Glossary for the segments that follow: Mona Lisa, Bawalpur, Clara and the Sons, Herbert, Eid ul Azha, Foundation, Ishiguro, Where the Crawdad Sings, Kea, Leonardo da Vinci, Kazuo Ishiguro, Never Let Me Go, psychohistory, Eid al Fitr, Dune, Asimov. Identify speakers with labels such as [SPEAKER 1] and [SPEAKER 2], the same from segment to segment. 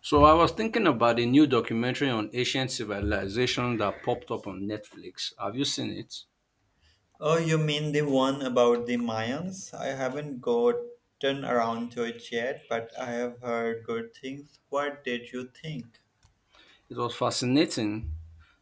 [SPEAKER 1] So I was thinking about a new documentary on ancient civilization that popped up on Netflix. Have you seen it?
[SPEAKER 2] Oh, you mean the one about the Mayans? I haven't gotten around to it yet, but I have heard good things. What did you think?
[SPEAKER 1] It was fascinating.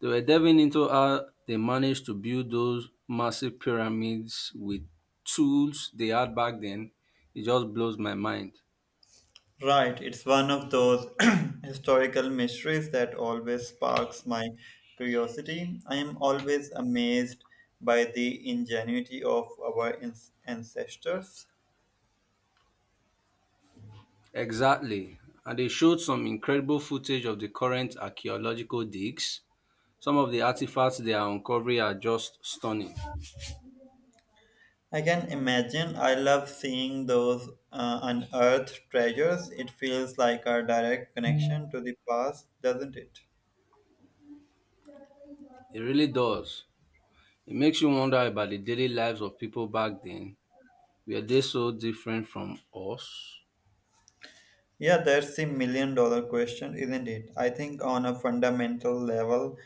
[SPEAKER 1] They were diving into how they managed to build those massive pyramids with tools they had back then. It just blows my mind.
[SPEAKER 2] Right, it's one of those historical mysteries that always sparks my curiosity. I am always amazed by the ingenuity of our ancestors.
[SPEAKER 1] Exactly. And they showed some incredible footage of the current archaeological digs. Some of the artifacts they are uncovering are just stunning.
[SPEAKER 2] I can imagine. I love seeing those unearthed treasures. It feels like a direct connection to the past, doesn't it?
[SPEAKER 1] It really does. It makes you wonder about the daily lives of people back then. Were they so different from us?
[SPEAKER 2] Yeah, that's the million dollar question, isn't it? I think on a fundamental level,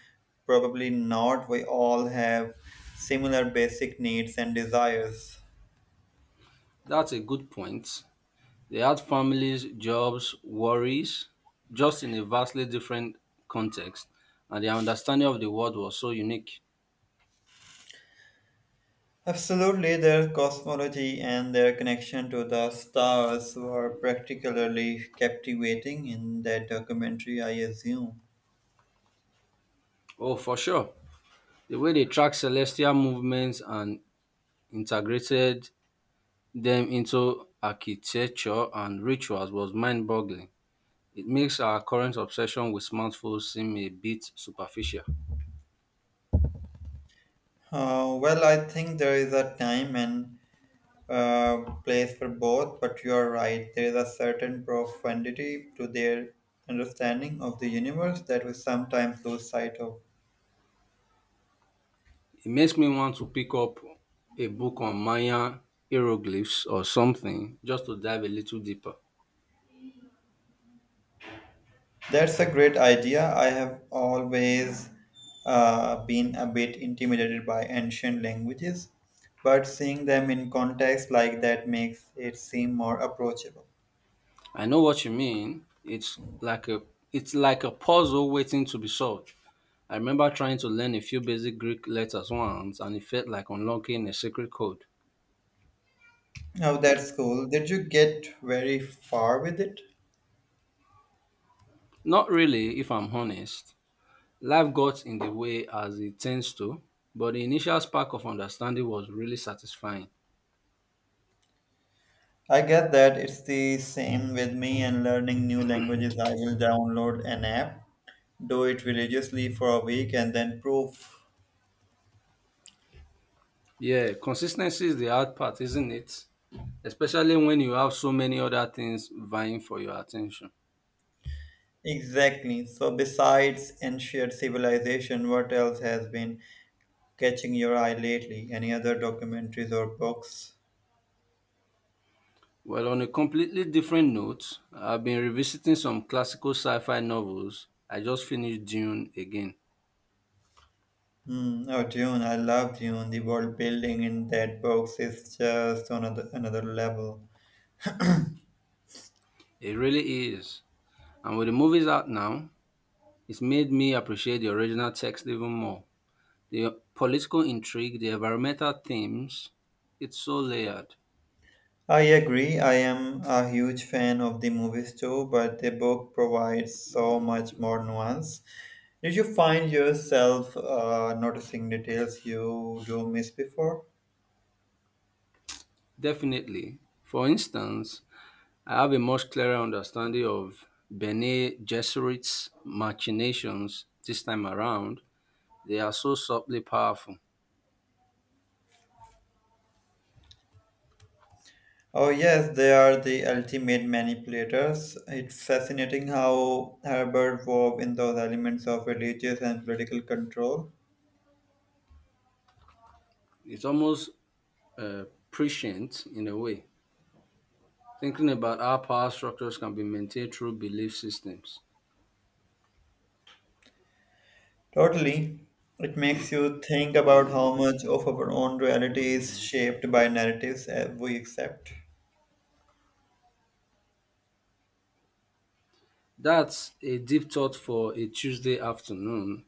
[SPEAKER 2] probably not. We all have similar basic needs and desires.
[SPEAKER 1] That's a good point. They had families, jobs, worries, just in a vastly different context, and their understanding of the world was so unique.
[SPEAKER 2] Absolutely, their cosmology and their connection to the stars were particularly captivating in that documentary, I assume.
[SPEAKER 1] Oh, for sure. The way they tracked celestial movements and integrated them into architecture and rituals was mind boggling. It makes our current obsession with smartphones seem a bit superficial.
[SPEAKER 2] Well, I think there is a time and place for both, but you are right. There is a certain profundity to their understanding of the universe that we sometimes lose sight of.
[SPEAKER 1] It makes me want to pick up a book on Mayan hieroglyphs or something just to dive a little deeper.
[SPEAKER 2] That's a great idea. I have always been a bit intimidated by ancient languages, but seeing them in context like that makes it seem more approachable.
[SPEAKER 1] I know what you mean. It's like a puzzle waiting to be solved. I remember trying to learn a few basic Greek letters once and it felt like unlocking a secret code.
[SPEAKER 2] Oh, that's cool. Did you get very far with it?
[SPEAKER 1] Not really, if I'm honest. Life got in the way as it tends to, but the initial spark of understanding was really satisfying.
[SPEAKER 2] I get that it's the same with me and learning new languages. I will download an app, do it religiously for a week, and then proof.
[SPEAKER 1] Yeah, consistency is the hard part, isn't it? Especially when you have so many other things vying for your attention.
[SPEAKER 2] Exactly. So, besides ancient civilization, what else has been catching your eye lately? Any other documentaries or books?
[SPEAKER 1] Well, on a completely different note, I've been revisiting some classical sci fi novels. I just finished Dune again.
[SPEAKER 2] Hmm. Oh, Dune. I love Dune. The world building in that book is just another level.
[SPEAKER 1] It really is. And with the movies out now, it's made me appreciate the original text even more. The political intrigue, the environmental themes, it's so layered.
[SPEAKER 2] I agree. I am a huge fan of the movies too, but the book provides so much more nuance. Did you find yourself noticing details you do miss before?
[SPEAKER 1] Definitely. For instance, I have a much clearer understanding of Bene Gesserit's machinations this time around. They are so subtly powerful.
[SPEAKER 2] Oh, yes, they are the ultimate manipulators. It's fascinating how Herbert wove in those elements of religious and political control.
[SPEAKER 1] It's almost uh, prescient in a way, thinking about how power structures can be maintained through belief systems.
[SPEAKER 2] Totally. It makes you think about how much of our own reality is shaped by narratives we accept.
[SPEAKER 1] That's a deep thought for a Tuesday afternoon,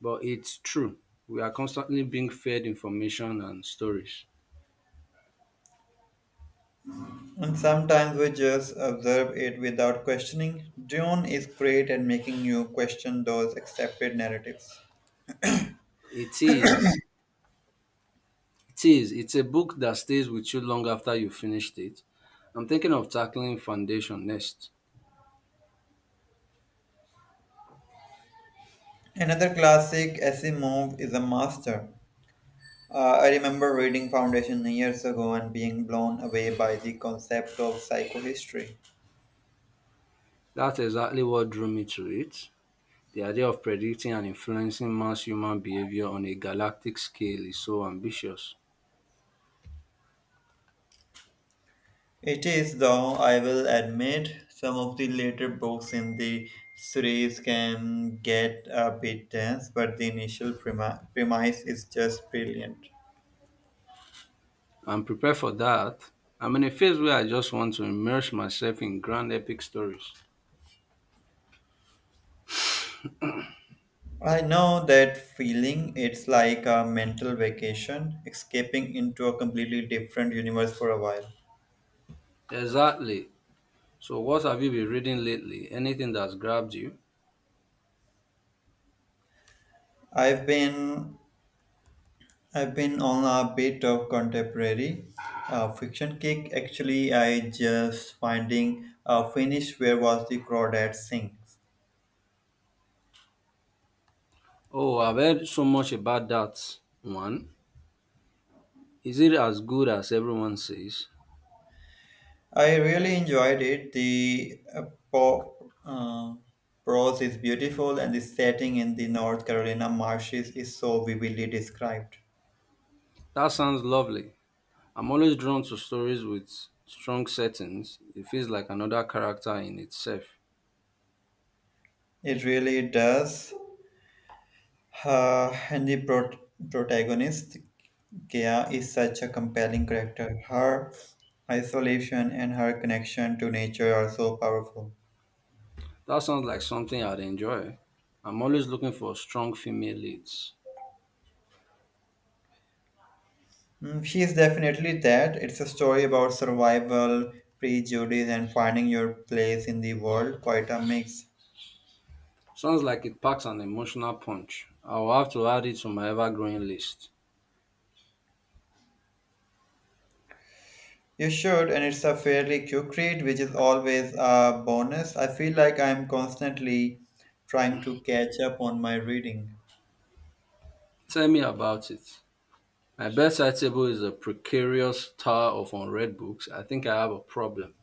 [SPEAKER 1] but it's true. We are constantly being fed information and stories.
[SPEAKER 2] And sometimes we just observe it without questioning. Dune is great at making you question those accepted narratives.
[SPEAKER 1] It is It is. It's a book that stays with you long after you finished it. I'm thinking of tackling Foundation next.
[SPEAKER 2] Another classic, Asimov, is a master. I remember reading Foundation years ago and being blown away by the concept of psychohistory.
[SPEAKER 1] That's exactly what drew me to it. The idea of predicting and influencing mass human behavior on a galactic scale is so ambitious.
[SPEAKER 2] It is, though, I will admit, some of the later books in the series can get a bit dense, but the initial premise is just brilliant.
[SPEAKER 1] I'm prepared for that. I'm in a phase where I just want to immerse myself in grand epic stories.
[SPEAKER 2] I know that feeling. It's like a mental vacation, escaping into a completely different universe for a while.
[SPEAKER 1] Exactly. So, what have you been reading lately? Anything that's grabbed you?
[SPEAKER 2] I've been I've been on a bit of contemporary fiction kick. Actually, I just finding finish where was the crawdad sings.
[SPEAKER 1] Oh, I've heard so much about that one. Is it as good as everyone says?
[SPEAKER 2] I really enjoyed it. The po- uh, prose is beautiful, and the setting in the North Carolina marshes is so vividly described.
[SPEAKER 1] That sounds lovely. I'm always drawn to stories with strong settings. It feels like another character in itself.
[SPEAKER 2] It really does. And the protagonist, Kea, is such a compelling character. Her isolation and her connection to nature are so powerful.
[SPEAKER 1] That sounds like something I'd enjoy. I'm always looking for strong female leads.
[SPEAKER 2] Mm, she is definitely that. It's a story about survival, prejudice, and finding your place in the world. Quite a mix.
[SPEAKER 1] Sounds like it packs an emotional punch. I'll have to add it to my ever growing list.
[SPEAKER 2] You should, and it's a fairly quick read, which is always a bonus. I feel like I'm constantly trying to catch up on my reading.
[SPEAKER 1] Tell me about it. My bedside table is a precarious tower of unread books. I think I have a problem.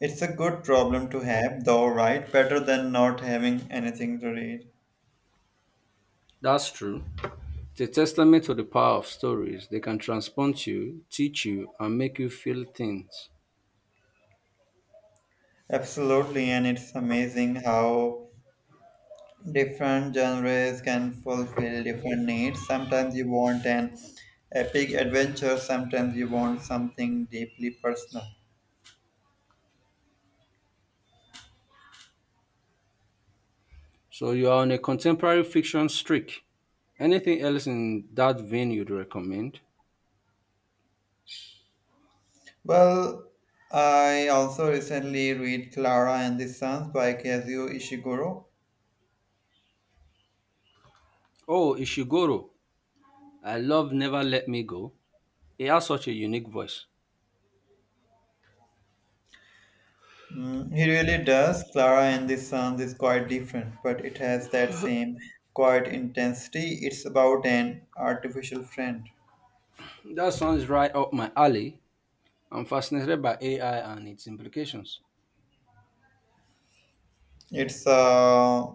[SPEAKER 2] It's a good problem to have, though, right? Better than not having anything to read.
[SPEAKER 1] That's true. It's a testament to the power of stories. They can transport you, teach you, and make you feel things.
[SPEAKER 2] Absolutely, and it's amazing how different genres can fulfill different needs. Sometimes you want an epic adventure, sometimes you want something deeply personal.
[SPEAKER 1] So you are on a contemporary fiction streak. Anything else in that vein you'd recommend?
[SPEAKER 2] Well, I also recently read Clara and the Sons by Kazuo Ishiguro.
[SPEAKER 1] Oh, Ishiguro. I love Never Let Me Go. He has such a unique voice.
[SPEAKER 2] Mm, he really does. Clara and the Sons is quite different, but it has that same quiet intensity. It's about an artificial friend.
[SPEAKER 1] That sounds right up my alley. I'm fascinated by AI and its implications.
[SPEAKER 2] It's a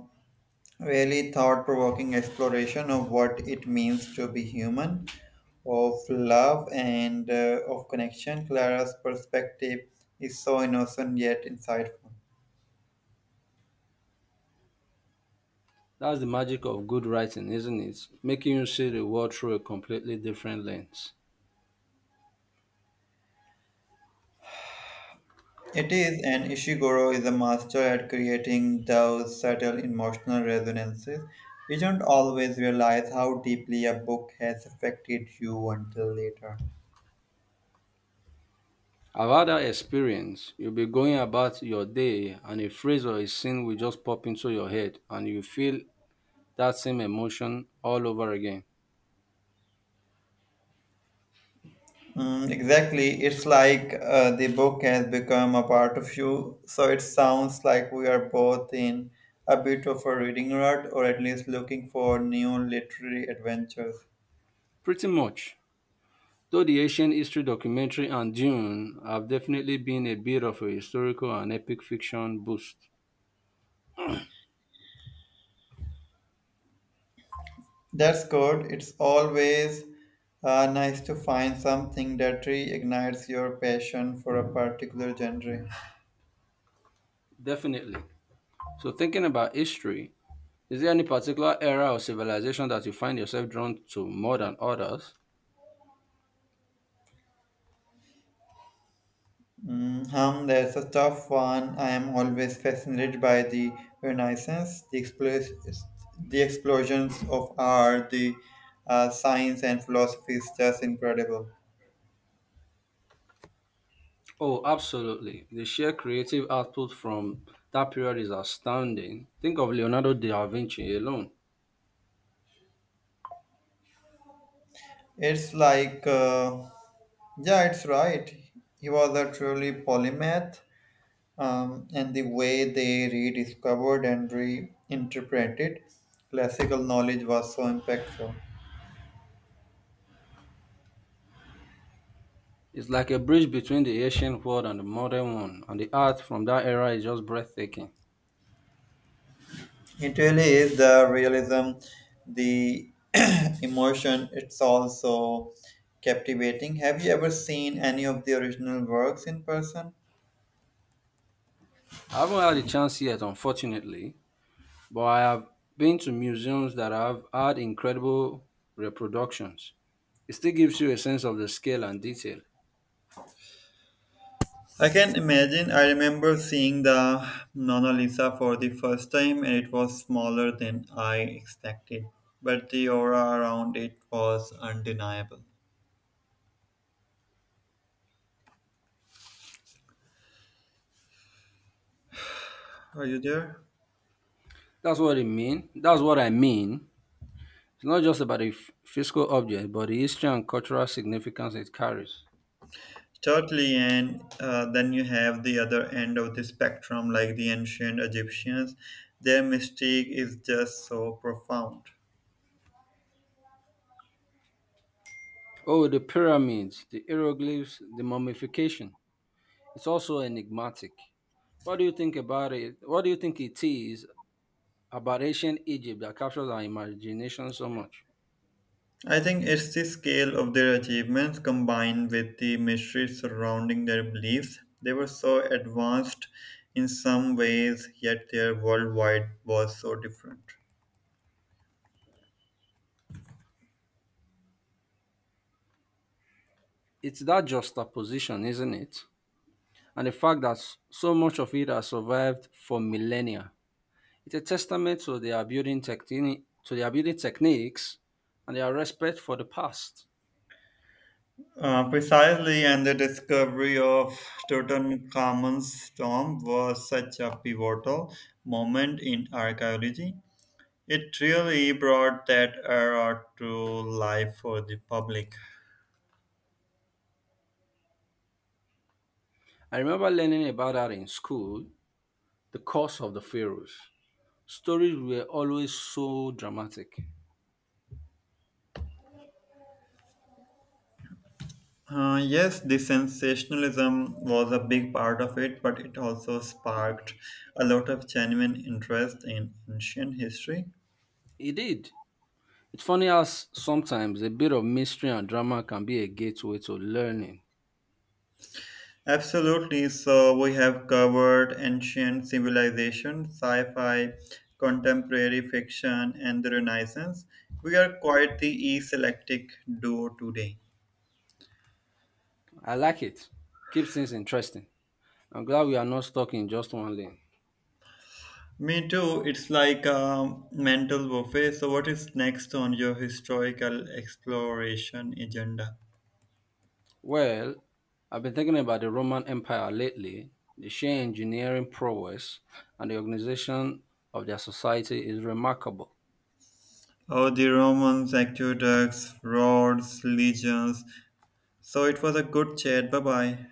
[SPEAKER 2] really thought provoking exploration of what it means to be human, of love, and of connection. Clara's perspective is so innocent yet insightful.
[SPEAKER 1] That's the magic of good writing, isn't it? Making you see the world through a completely different lens.
[SPEAKER 2] It is, and Ishiguro is a master at creating those subtle emotional resonances. We don't always realize how deeply a book has affected you until later.
[SPEAKER 1] I've had that experience. You'll be going about your day and a phrase or a scene will just pop into your head and you feel that same emotion all over again.
[SPEAKER 2] Mm, exactly. It's like the book has become a part of you. So it sounds like we are both in a bit of a reading rut or at least looking for new literary adventures.
[SPEAKER 1] Pretty much. Though the ancient history documentary and Dune have definitely been a bit of a historical and epic fiction boost.
[SPEAKER 2] That's good. It's always nice to find something that reignites your passion for a particular genre.
[SPEAKER 1] Definitely. So thinking about history, is there any particular era or civilization that you find yourself drawn to more than others?
[SPEAKER 2] Mm, hum, that's a tough one. I am always fascinated by the Renaissance, the explosions of art, the science and philosophy is just incredible.
[SPEAKER 1] Oh, absolutely. The sheer creative output from that period is astounding. Think of Leonardo da Vinci alone.
[SPEAKER 2] It's like, yeah, it's right. He was a truly polymath. And the way they rediscovered and reinterpreted classical knowledge was so impactful.
[SPEAKER 1] It's like a bridge between the ancient world and the modern one, and the art from that era is just breathtaking.
[SPEAKER 2] It really is the realism, the emotion, it's also captivating. Have you ever seen any of the original works in person?
[SPEAKER 1] I haven't had the chance yet, unfortunately, but I have been to museums that have had incredible reproductions. It still gives you a sense of the scale and detail.
[SPEAKER 2] I can imagine. I remember seeing the Mona Lisa for the first time, and it was smaller than I expected. But the aura around it was undeniable. Are you there?
[SPEAKER 1] That's what it mean. That's what I mean. It's not just about a physical object, but the history and cultural significance it carries.
[SPEAKER 2] Totally, and then you have the other end of the spectrum, like the ancient Egyptians. Their mystique is just so profound.
[SPEAKER 1] Oh, the pyramids, the hieroglyphs, the mummification. It's also enigmatic. What do you think about it? What do you think it is about ancient Egypt that captures our imagination so much?
[SPEAKER 2] I think it's the scale of their achievements combined with the mystery surrounding their beliefs. They were so advanced in some ways, yet their worldwide was so different.
[SPEAKER 1] It's that juxtaposition, isn't it? And the fact that so much of it has survived for millennia. It's a testament to their building techniques, and their respect for the past.
[SPEAKER 2] Precisely, and the discovery of Tutankhamun's tomb was such a pivotal moment in archaeology. It really brought that era to life for the public.
[SPEAKER 1] I remember learning about that in school, the curse of the pharaohs. Stories were always so dramatic.
[SPEAKER 2] Yes, the sensationalism was a big part of it, but it also sparked a lot of genuine interest in ancient history.
[SPEAKER 1] It did. It's funny how sometimes a bit of mystery and drama can be a gateway to learning.
[SPEAKER 2] Absolutely. So we have covered ancient civilization, sci-fi, contemporary fiction, and the Renaissance. We are quite the eclectic duo today.
[SPEAKER 1] I like it. Keeps things interesting. I'm glad we are not stuck in just one lane.
[SPEAKER 2] Me too. It's like a mental buffet. So, what is next on your historical exploration agenda?
[SPEAKER 1] Well, I've been thinking about the Roman Empire lately. The sheer engineering prowess and the organization of their society is remarkable.
[SPEAKER 2] Oh, the Romans, aqueducts, roads, legions. So, it was a good chat. Bye bye.